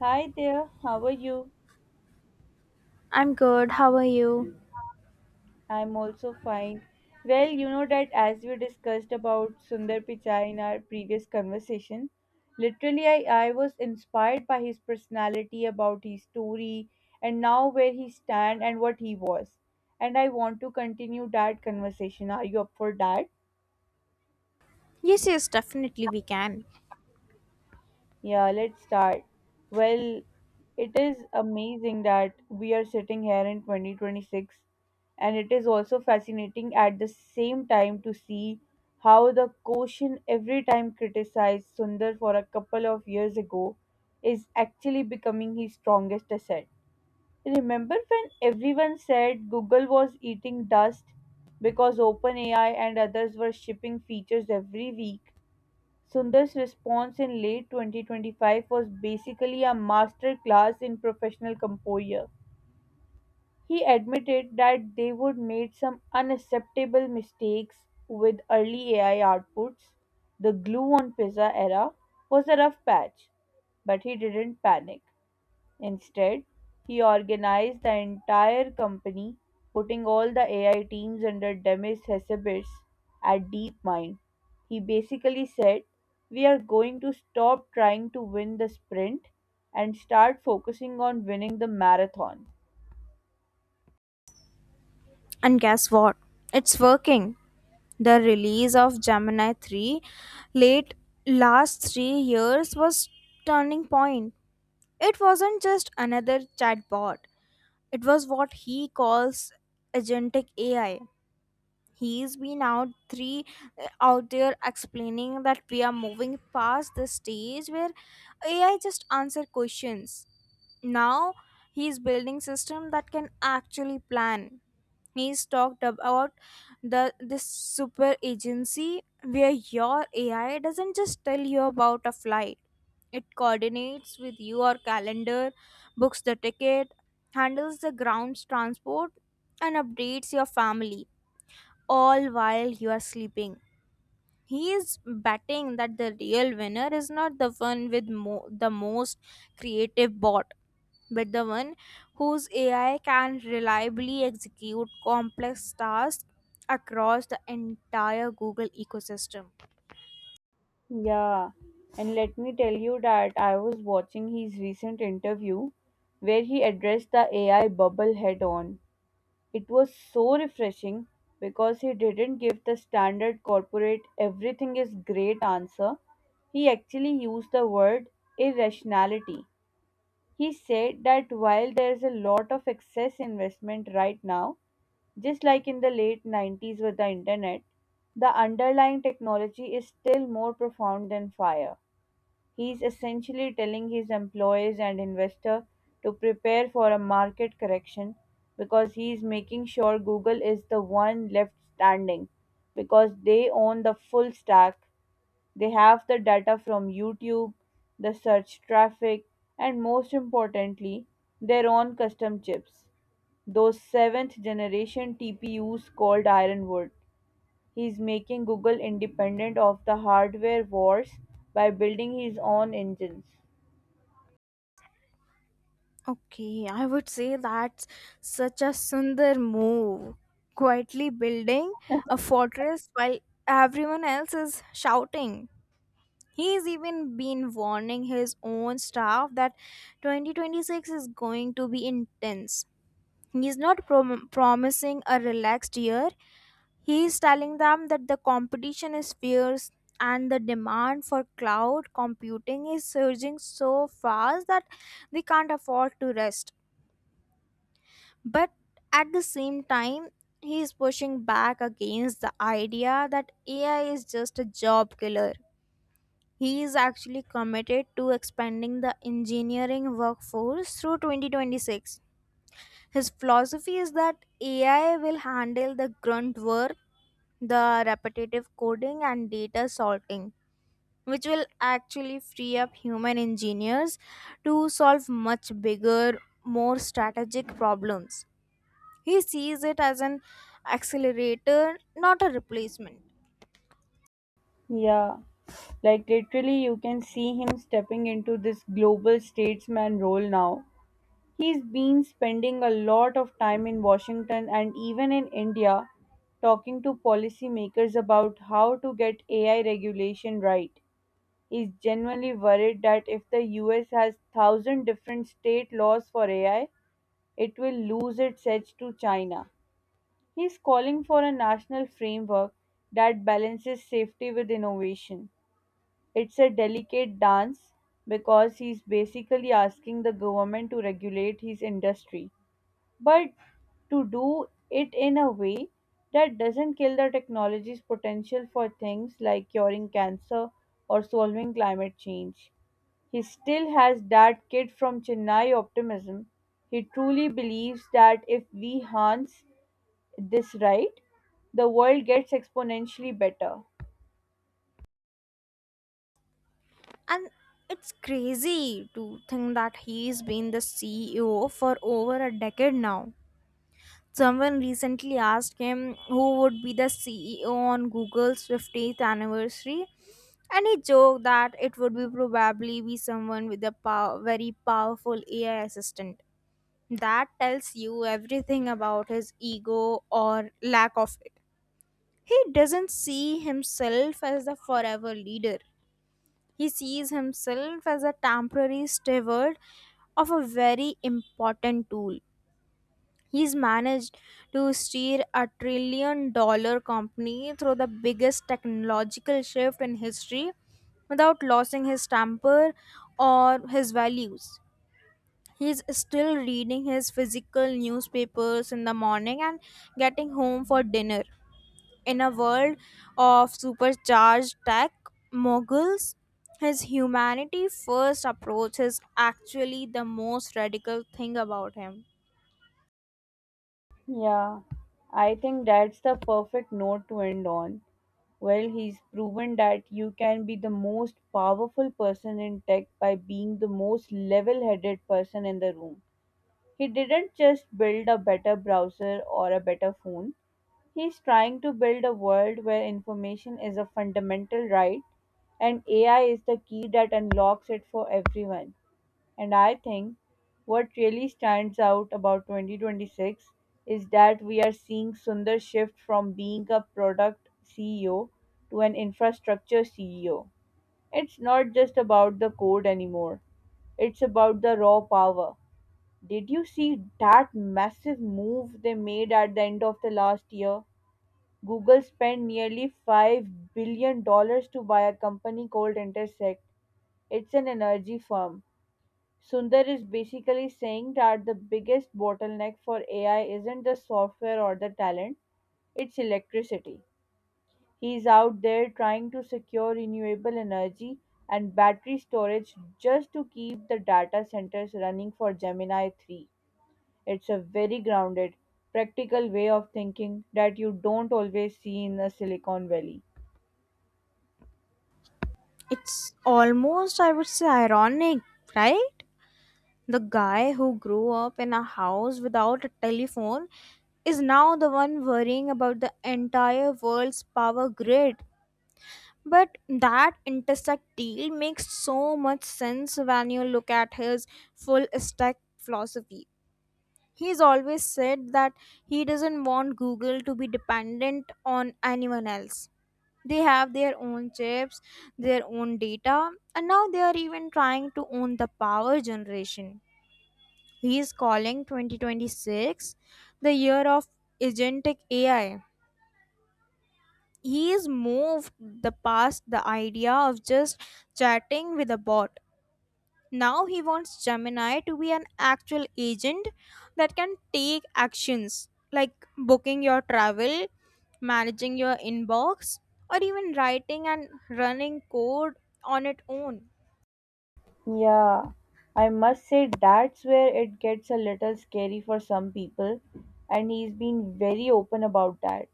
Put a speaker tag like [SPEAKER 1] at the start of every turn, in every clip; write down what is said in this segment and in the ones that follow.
[SPEAKER 1] Hi there, how are you?
[SPEAKER 2] I'm good. How are you?
[SPEAKER 1] I'm also fine. Well, you know that as we discussed about Sundar Pichai in our previous conversation, literally I was inspired by his personality, about his story, and now where he stand and what he was. And I want to continue that conversation. Are you up for that?
[SPEAKER 2] Yes, yes, definitely we can.
[SPEAKER 1] Yeah, let's start. Well, it is amazing that we are sitting here in 2026, and it is also fascinating at the same time to see how the quotient every time criticized Sundar for a couple of years ago is actually becoming his strongest asset. Remember when everyone said Google was eating dust because OpenAI and others were shipping features every week. Sundar's response in late 2025 was basically a masterclass in professional composure. He admitted that they would made some unacceptable mistakes with early AI outputs. The glue on pizza era was a rough patch, but he didn't panic. Instead, he organized the entire company, putting all the AI teams under Demis Hassabis at DeepMind. He basically said, "We are going to stop trying to win the sprint and start focusing on winning the marathon."
[SPEAKER 2] And guess what? It's working. The release of Gemini 3 late last 3 years was turning point. It wasn't just another chatbot. It was what he calls agentic AI. He's been out three out there explaining that we are moving past the stage where AI just answer questions. Now he's building system that can actually plan. He's talked about the this super agency where your ai doesn't just tell you about a flight. It coordinates with your calendar, books the ticket, handles the ground's transport, and updates your family all while you are sleeping. He is betting that the real winner is not the one with the most creative bot, but the one whose AI can reliably execute complex tasks across the entire Google ecosystem.
[SPEAKER 1] Yeah, and let me tell you that I was watching his recent interview where he addressed the AI bubble head on. It was so refreshing because he didn't give the standard corporate everything is great answer. He actually used the word irrationality. He said that while there's a lot of excess investment right now, just like in the late 90s with the internet, the underlying technology is still more profound than fire. He is essentially telling his employees and investor to prepare for a market correction because he is making sure Google is the one left standing because they own the full stack. They have the data from YouTube, the search traffic, and most importantly, their own custom chips, those seventh generation TPUs called Ironwood. He's making Google independent of the hardware wars by building his own engines.
[SPEAKER 2] Okay, I would say that's such a Sundar move. Quietly building a fortress while everyone else is shouting. He's even been warning his own staff that 2026 is going to be intense. He's not promising a relaxed year. He is telling them that the competition is fierce and the demand for cloud computing is surging so fast that they can't afford to rest. But at the same time, he is pushing back against the idea that AI is just a job killer. He is actually committed to expanding the engineering workforce through 2026. His philosophy is that AI will handle the grunt work, the repetitive coding, and data sorting, which will actually free up human engineers to solve much bigger, more strategic problems. He sees it as an accelerator, not a replacement.
[SPEAKER 1] Yeah, like literally, you can see him stepping into this global statesman role now. He's been spending a lot of time in Washington and even in India talking to policymakers about how to get AI regulation right. He's genuinely worried that if the US has 1,000 different state laws for AI, it will lose its edge to China. He is calling for a national framework that balances safety with innovation. It's a delicate dance because he's basically asking the government to regulate his industry, but to do it in a way that doesn't kill the technology's potential for things like curing cancer or solving climate change. He still has that kid from Chennai optimism. He truly believes that if we harness this right, the world gets exponentially better.
[SPEAKER 2] And it's crazy to think that he's been the CEO for over a decade now. Someone recently asked him who would be the CEO on Google's 50th anniversary, and he joked that it would be probably be someone with a very powerful AI assistant. That tells you everything about his ego or lack of it. He doesn't see himself as the forever leader. He sees himself as a temporary steward of a very important tool. He's managed to steer a $1 trillion company through the biggest technological shift in history without losing his temper or his values. He's still reading his physical newspapers in the morning and getting home for dinner. In a world of supercharged tech moguls, his humanity first approach is actually the most radical thing about him.
[SPEAKER 1] Yeah, I think that's the perfect note to end on. Well, he's proven that you can be the most powerful person in tech by being the most level headed person in the room. He didn't just build a better browser or a better phone, he's trying to build a world where information is a fundamental right and AI is the key that unlocks it for everyone. And I think what really stands out about 2026 is that we are seeing Sundar shift from being a product CEO to an infrastructure CEO. It's not just about the code anymore, it's about the raw power. Did you see that massive move they made at the end of the last year? Google spent nearly $5 billion dollars to buy a company called Intersect. It's an energy firm. Sundar is basically saying that the biggest bottleneck for AI isn't the software or the talent, it's electricity. He's out there trying to secure renewable energy and battery storage just to keep the data centers running for Gemini 3. It's a very grounded, practical way of thinking that you don't always see in the Silicon Valley.
[SPEAKER 2] It's almost, I would say, ironic, right? The guy who grew up in a house without a telephone is now the one worrying about the entire world's power grid. But that intersect deal makes so much sense when you look at his full stack philosophy. He's always said that he doesn't want Google to be dependent on anyone else. They have their own chips, their own data, and now they are even trying to own the power generation. He is calling 2026 the year of agentic AI. He is moved the past the idea of just chatting with a bot. Now he wants Gemini to be an actual agent that can take actions like booking your travel, managing your inbox, or even writing and running code on its own.
[SPEAKER 1] Yeah, I must say that's where it gets a little scary for some people, and he's been very open about that.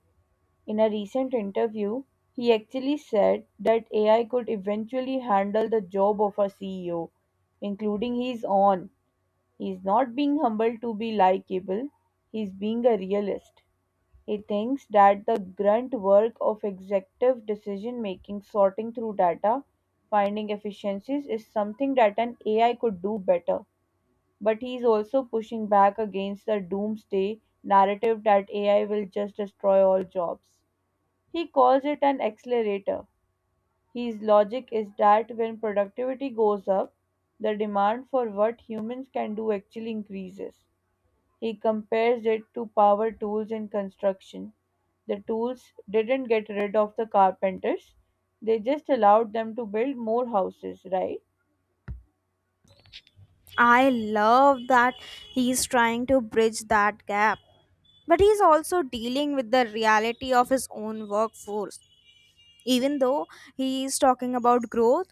[SPEAKER 1] In a recent interview, he actually said that AI could eventually handle the job of a CEO, including his own. He's not being humble to be likable, he's being a realist. He thinks that the grunt work of executive decision-making, sorting through data, finding efficiencies, is something that an AI could do better. But he is also pushing back against the doomsday narrative that AI will just destroy all jobs. He calls it an accelerator. His logic is that when productivity goes up, the demand for what humans can do actually increases. He compares it to power tools in construction. The tools didn't get rid of the carpenters, they just allowed them to build more houses, right?
[SPEAKER 2] I love that he's trying to bridge that gap. But he's also dealing with the reality of his own workforce. Even though he is talking about growth,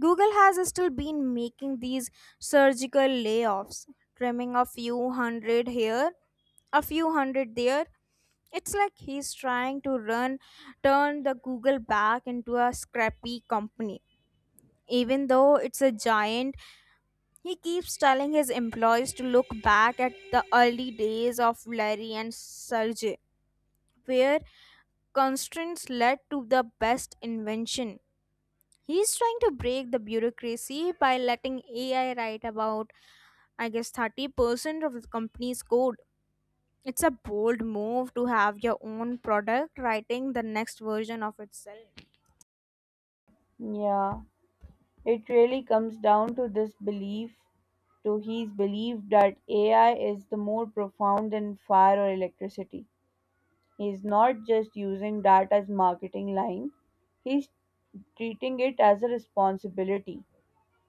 [SPEAKER 2] Google has still been making these surgical layoffs, trimming a few hundred here, a few hundred there. It's like he's trying to run turn the Google back into a scrappy company. Even though it's a giant, he keeps telling his employees to look back at the early days of Larry and Sergey, where constraints led to the best invention. He's trying to break the bureaucracy by letting AI write about I guess 30% of the company's code. It's a bold move to have your own product writing the next version of itself.
[SPEAKER 1] Yeah, it really comes down to this belief, to his belief that AI is the more profound than fire or electricity. He's not just using that as marketing line, he's treating it as a responsibility.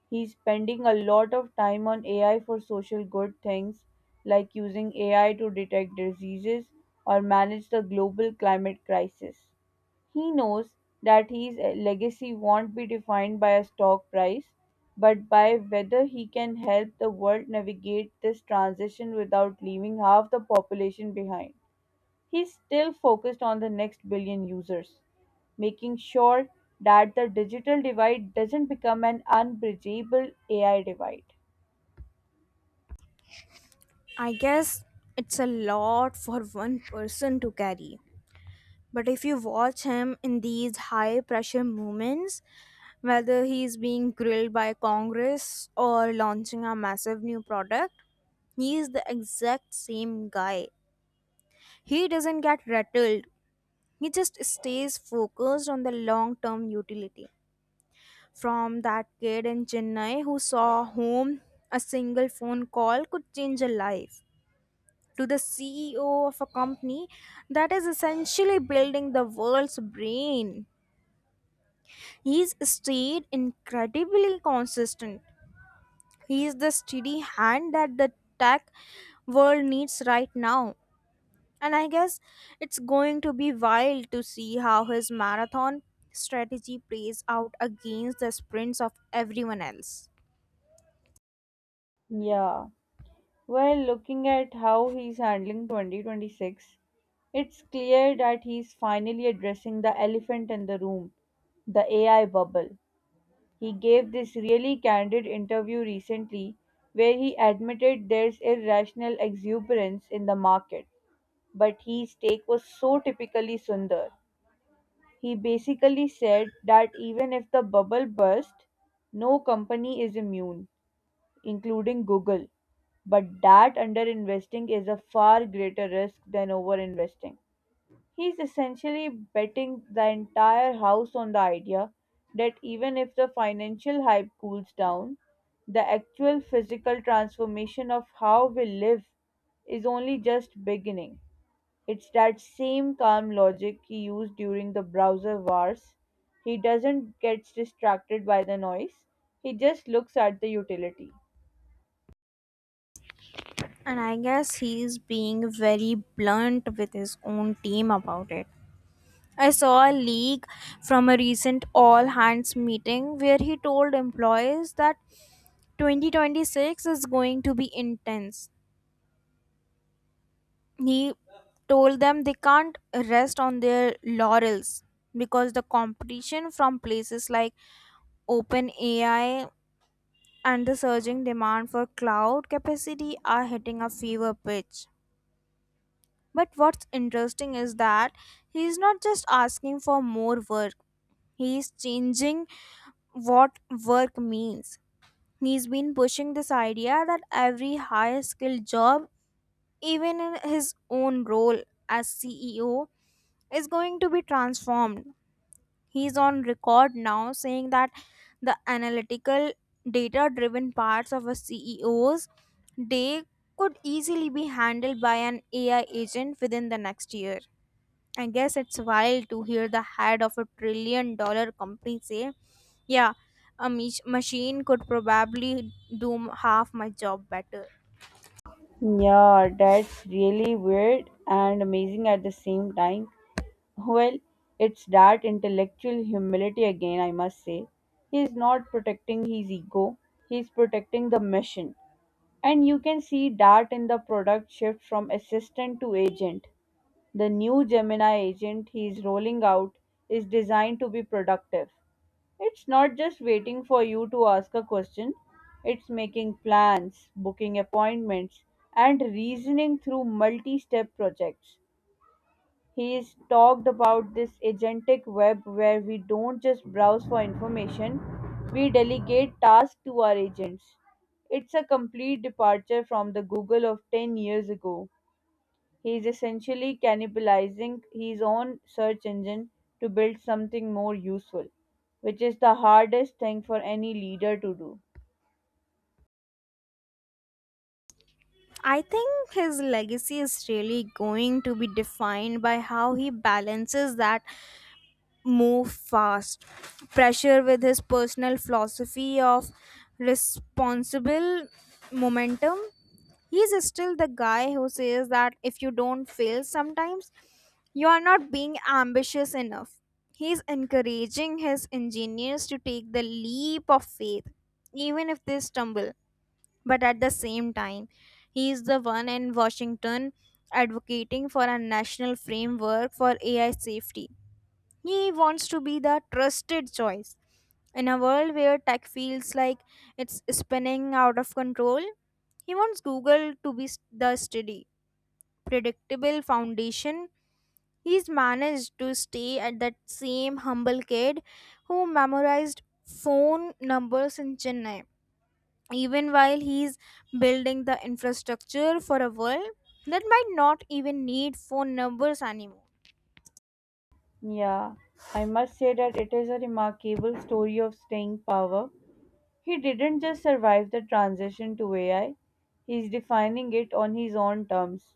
[SPEAKER 1] He's spending a lot of time on AI for social good things like using AI to detect diseases or manage the global climate crisis. He knows that his legacy won't be defined by a stock price, but by whether he can help the world navigate this transition without leaving half the population behind. He's still focused on the next billion users, making sure that the digital divide doesn't become an unbridgeable AI divide.
[SPEAKER 2] I guess it's a lot for one person to carry. But if you watch him in these high pressure moments, whether he's being grilled by Congress or launching a massive new product, he is the exact same guy. He doesn't get rattled, he just stays focused on the long term utility. From that kid in Chennai who saw whom a single phone call could change a life to the CEO of a company that is essentially building the world's brain. He's stayed incredibly consistent. He is the steady hand that the tech world needs right now. And I guess it's going to be wild to see how his marathon strategy plays out against the sprints of everyone else.
[SPEAKER 1] Yeah. Well, looking at how he's handling 2026, it's clear that he's finally addressing the elephant in the room, the AI bubble. He gave this really candid interview recently where he admitted there's irrational exuberance in the market. But his take was so typically Sundar. He basically said that even if the bubble bursts, no company is immune, including Google. But that underinvesting is a far greater risk than overinvesting. He's essentially betting the entire house on the idea that even if the financial hype cools down, the actual physical transformation of how we live is only just beginning. It's that same calm logic he used during the browser wars. He doesn't get distracted by the noise, he just looks at the utility.
[SPEAKER 2] And I guess he's being very blunt with his own team about it. I saw a leak from a recent all hands meeting where he told employees that 2026 is going to be intense. He told them they can't rest on their laurels because the competition from places like OpenAI and the surging demand for cloud capacity are hitting a fever pitch. But what's interesting is that he's not just asking for more work, he's changing what work means. He's been pushing this idea that every high skilled job, even in his own role as CEO, is going to be transformed. He's on record now saying that the analytical, data driven parts of a CEO's day could easily be handled by an AI agent within the next year. I guess it's wild to hear the head of a $1 trillion company say, yeah, a machine could probably do half my job better.
[SPEAKER 1] Yeah, that's really weird and amazing at the same time. Well, it's that intellectual humility again, I must say. He's not protecting his ego, he's protecting the mission. And you can see that in the product shift from assistant to agent. The new Gemini agent he's rolling out is designed to be productive. It's not just waiting for you to ask a question, it's making plans, booking appointments, and reasoning through multi step projects. He's talked about this agentic web where we don't just browse for information, we delegate tasks to our agents. It's a complete departure from the Google of 10 years ago. He is essentially cannibalizing his own search engine to build something more useful, which is the hardest thing for any leader to do.
[SPEAKER 2] I think his legacy is really going to be defined by how he balances that move fast pressure with his personal philosophy of responsible momentum. He's still the guy who says that if you don't fail sometimes, you are not being ambitious enough. He's encouraging his engineers to take the leap of faith, even if they stumble. But at the same time, he is the one in Washington advocating for a national framework for AI safety. He wants to be the trusted choice. In a world where tech feels like it's spinning out of control, he wants Google to be the steady, predictable foundation. He's managed to stay at that same humble kid who memorized phone numbers in Chennai, even while he's building the infrastructure for a world that might not even need phone numbers anymore.
[SPEAKER 1] Yeah, I must say that it is a remarkable story of staying power. He didn't just survive the transition to AI, he's defining it on his own terms.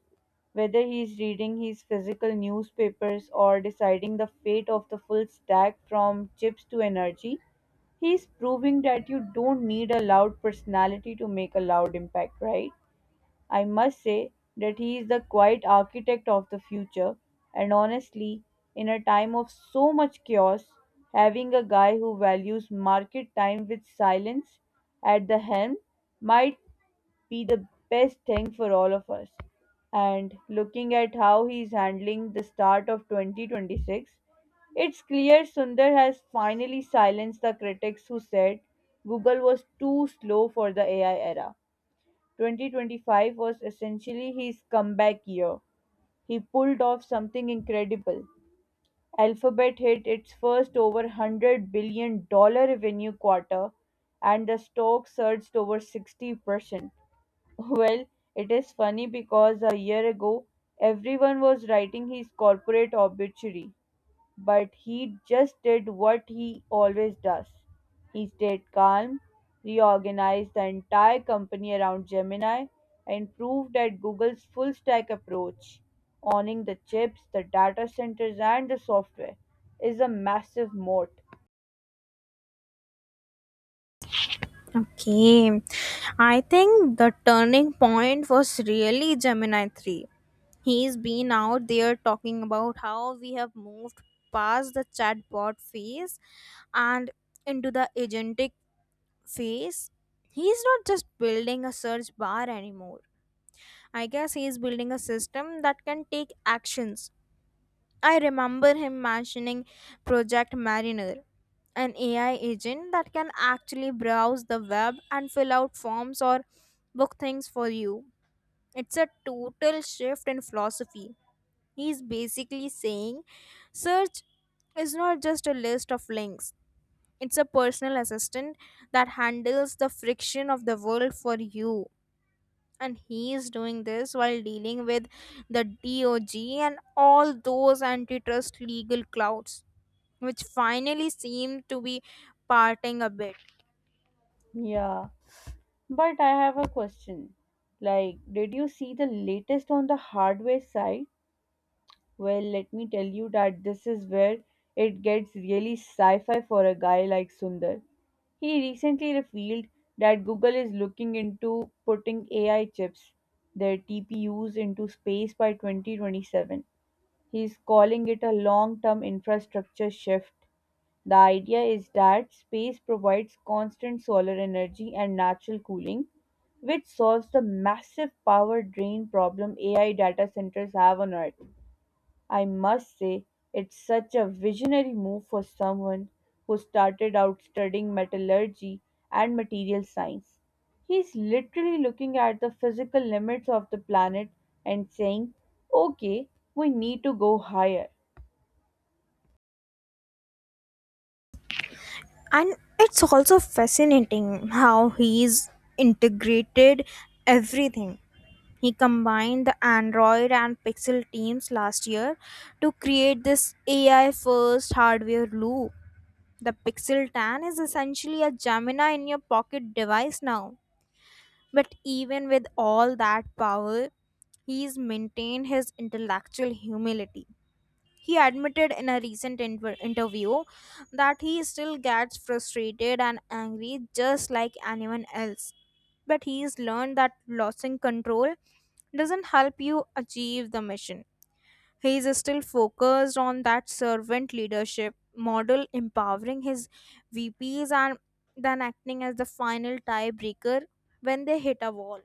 [SPEAKER 1] Whether he's reading his physical newspapers or deciding the fate of the full stack from chips to energy, he's proving that you don't need a loud personality to make a loud impact, right? I must say that he is the quiet architect of the future, and honestly, in a time of so much chaos, having a guy who values market time with silence at the helm might be the best thing for all of us. And looking at how he's handling the start of 2026, it's clear Sundar has finally silenced the critics who said Google was too slow for the AI era. 2025 was essentially his comeback year. He pulled off something incredible. Alphabet hit its first over $100 billion dollar revenue quarter, and the stock surged over 60%. Well, it is funny because a year ago everyone was writing his corporate obituary, but he just did what he always does. He stayed calm, reorganized the entire company around Gemini, and proved that Google's full stack approach, owning the chips, the data centers, and the software, is a massive moat.
[SPEAKER 2] Okay. I think the turning point was really Gemini 3. He's been out there talking about how we have moved past the chatbot phase and into the agentic phase. He's not just building a search bar anymore. I guess he's building a system that can take actions. I remember him mentioning Project Mariner, an AI agent that can actually browse the web and fill out forms or book things for you. It's a total shift in philosophy. He's basically saying search is not just a list of links, it's a personal assistant that handles the friction of the world for you. And he is doing this while dealing with the DOG and all those antitrust legal clouds, which finally seem to be parting a bit.
[SPEAKER 1] Yeah, but I have a question. Like, did you see the latest on the hardware side? Well, let me tell you that this is where it gets really sci fi for a guy like Sundar. He recently revealed that Google is looking into putting AI chips, their TPUs, into space by 2027. He's calling it a long term infrastructure shift. The idea is that space provides constant solar energy and natural cooling, which solves the massive power drain problem AI data centers have on Earth. I must say, it's such a visionary move for someone who started out studying metallurgy and material science. He's literally looking at the physical limits of the planet and saying, okay, we need to go higher.
[SPEAKER 2] And it's also fascinating how he's integrated everything. He combined the Android and Pixel teams last year to create this AI first hardware loop. The Pixel 10 is essentially a Gemini in your pocket device now. But even with all that power, he's maintained his intellectual humility. He admitted in a recent interview that he still gets frustrated and angry just like anyone else. But he's learned that losing control doesn't help you achieve the mission. He is still focused on that servant leadership model, empowering his VPs and then acting as the final tiebreaker when they hit a wall.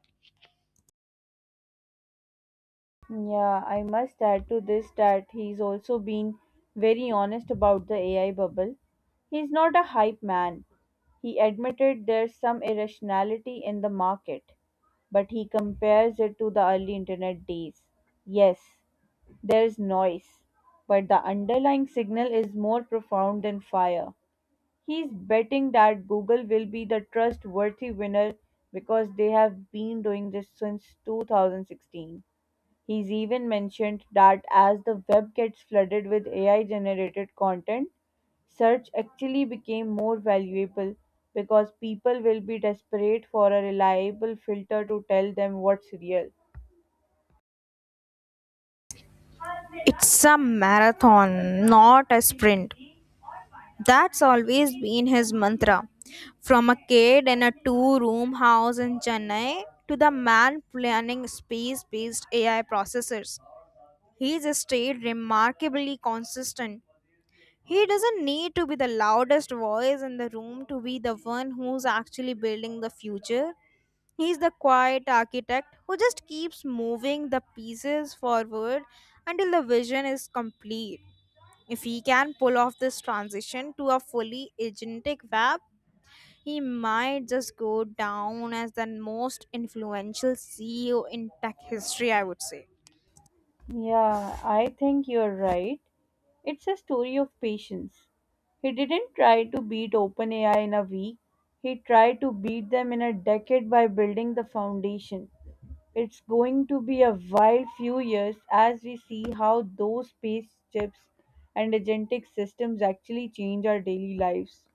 [SPEAKER 1] Yeah, I must add to this that he's also been very honest about the AI bubble. He's not a hype man. He admitted there's some irrationality in the market, but he compares it to the early internet days. Yes, there's noise, but the underlying signal is more profound than fire. He's betting that Google will be the trustworthy winner because they have been doing this since 2016. He's even mentioned that as the web gets flooded with AI generated content, search actually became more valuable because people will be desperate for a reliable filter to tell them what's real.
[SPEAKER 2] It's a marathon, not a sprint. That's always been his mantra. From a kid in a two room house in Chennai to the man planning space based AI processors, he's stayed remarkably consistent. He doesn't need to be the loudest voice in the room to be the one who's actually building the future. He's the quiet architect who just keeps moving the pieces forward until the vision is complete. If he can pull off this transition to a fully agentic web, he might just go down as the most influential CEO in tech history, I would say.
[SPEAKER 1] Yeah, I think you're right. It's a story of patience. He didn't try to beat OpenAI in a week. He tried to beat them in a decade by building the foundation. It's going to be a wild few years as we see how those space chips and agentic systems actually change our daily lives.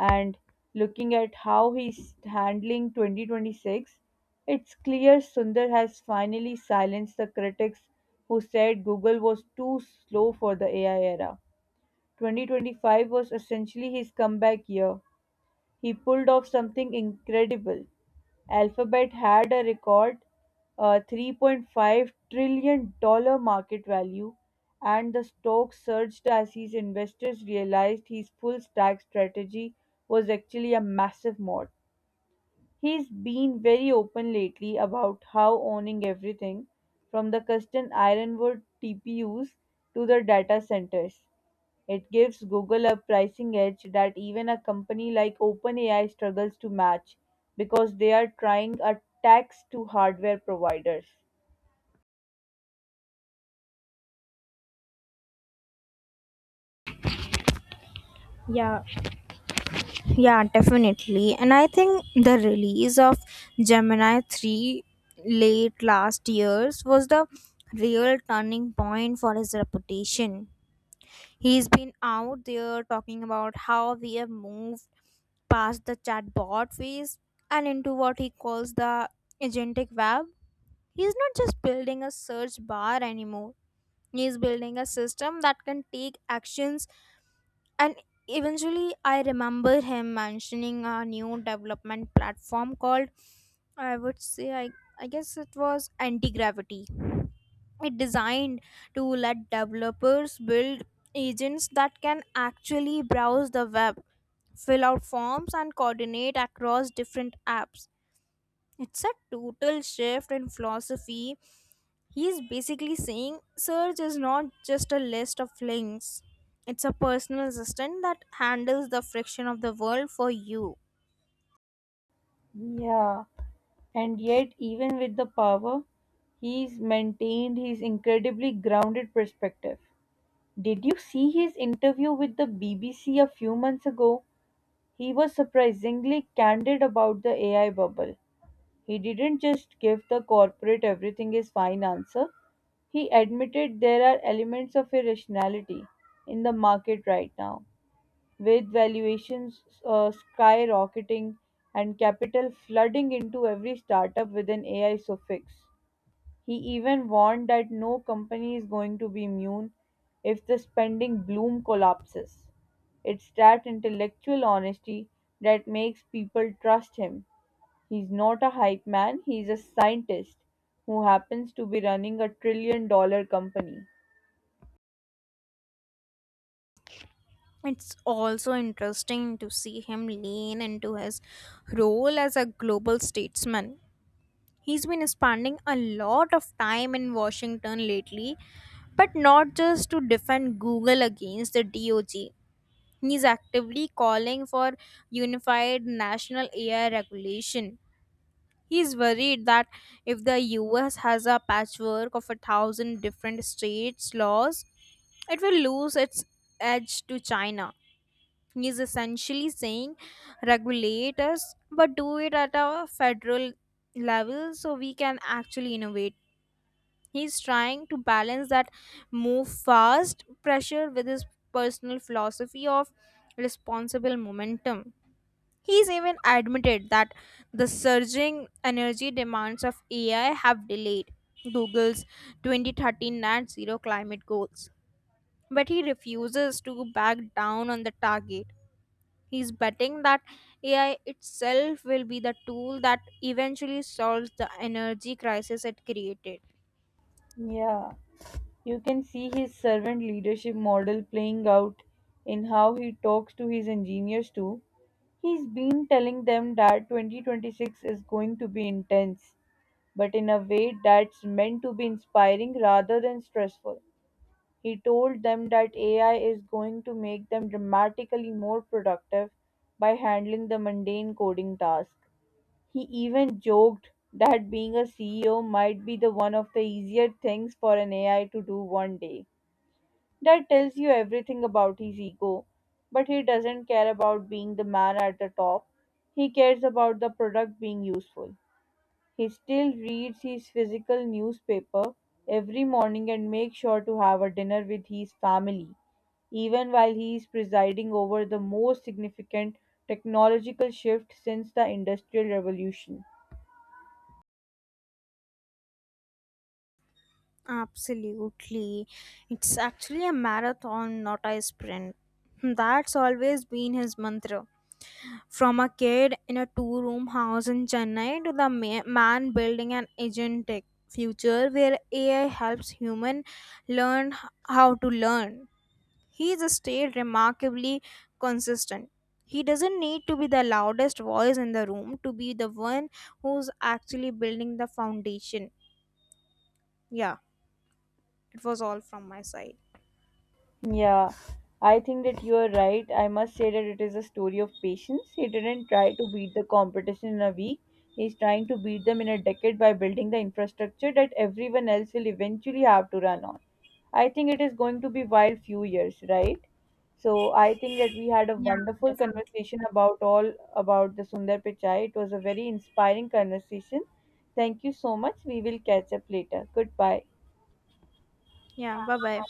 [SPEAKER 1] And looking at how he's handling 2026, it's clear Sundar has finally silenced the critics who said Google was too slow for the AI era. 2025 was essentially his comeback year. He pulled off something incredible. Alphabet had a record $3.5 trillion market value, and the stock surged as his investors realized his full stack strategy was actually a massive mod. He's been very open lately about how owning everything from the custom Ironwood TPUs to the data centers it gives Google a pricing edge that even a company like OpenAI struggles to match, because they are trying a tax to hardware providers.
[SPEAKER 2] Yeah, yeah, definitely. And I think the release of Gemini 3 late last years was the real turning point for his reputation. He's been out there talking about how we have moved past the chatbot phase and into what he calls the agentic web. He's not just building a search bar anymore. He's building a system that can take actions and eventually I remember him mentioning a new development platform called, I would say, I guess it was anti gravity. It designed to let developers build agents that can actually browse the web, fill out forms, and coordinate across different apps. It's a total shift in philosophy. He's basically saying search is not just a list of links, it's a personal assistant that handles the friction of the world for you.
[SPEAKER 1] Yeah, and yet, even with the power, he's maintained his incredibly grounded perspective. Did you see his interview with the BBC a few months ago? He was surprisingly candid about the AI bubble. He didn't just give the corporate everything is fine answer. He admitted there are elements of irrationality in the market right now, with valuations skyrocketing and capital flooding into every startup with an AI suffix. He even warned that no company is going to be immune if the spending bloom collapses. It's that intellectual honesty that makes people trust him. He's not a hype man, he's a scientist who happens to be running a trillion dollar company.
[SPEAKER 2] It's also interesting to see him lean into his role as a global statesman. He's been spending a lot of time in Washington lately, but not just to defend Google against the DOJ. He's actively calling for unified national AI regulation. He's worried that if the US has a patchwork of 1,000 different states' laws, it will lose its edge to China. He's essentially saying regulate us, but do it at a federal level so we can actually innovate. He's trying to balance that move fast pressure with his personal philosophy of responsible momentum. He's even admitted that the surging energy demands of AI have delayed Google's 2013 net zero climate goals, but he refuses to back down on the target. He's betting that AI itself will be the tool that eventually solves the energy crisis it created.
[SPEAKER 1] Yeah, you can see his servant leadership model playing out in how he talks to his engineers too. He's been telling them that 2026 is going to be intense, but in a way that's meant to be inspiring rather than stressful. He told them that AI is going to make them dramatically more productive by handling the mundane coding tasks. He even joked that being a CEO might be the one of the easier things for an AI to do one day. That tells you everything about his ego. But he doesn't care about being the man at the top. He cares about the product being useful. He still reads his physical newspaper every morning and makes sure to have a dinner with his family, even while he is presiding over the most significant technological shift since the Industrial Revolution.
[SPEAKER 2] Absolutely. It's actually a marathon, not a sprint. That's always been his mantra. From a kid in a two room house in Chennai to the man building an agentic future where AI helps human learn how to learn. He's stayed remarkably consistent. He doesn't need to be the loudest voice in the room to be the one who's actually building the foundation. Yeah, it was all from my side.
[SPEAKER 1] Yeah, I think that you are right. I must say that it is a story of patience. He didn't try to beat the competition in a week. He's trying to beat them in a decade by building the infrastructure that everyone else will eventually have to run on. I think it is going to be wild few years, right? So I think that we had a
[SPEAKER 2] Yeah,
[SPEAKER 1] wonderful
[SPEAKER 2] definitely.
[SPEAKER 1] conversation about all about the Sundar Pichai. It was a very inspiring conversation. Thank you so much. We will catch up later. Goodbye.
[SPEAKER 2] Yeah, bye bye.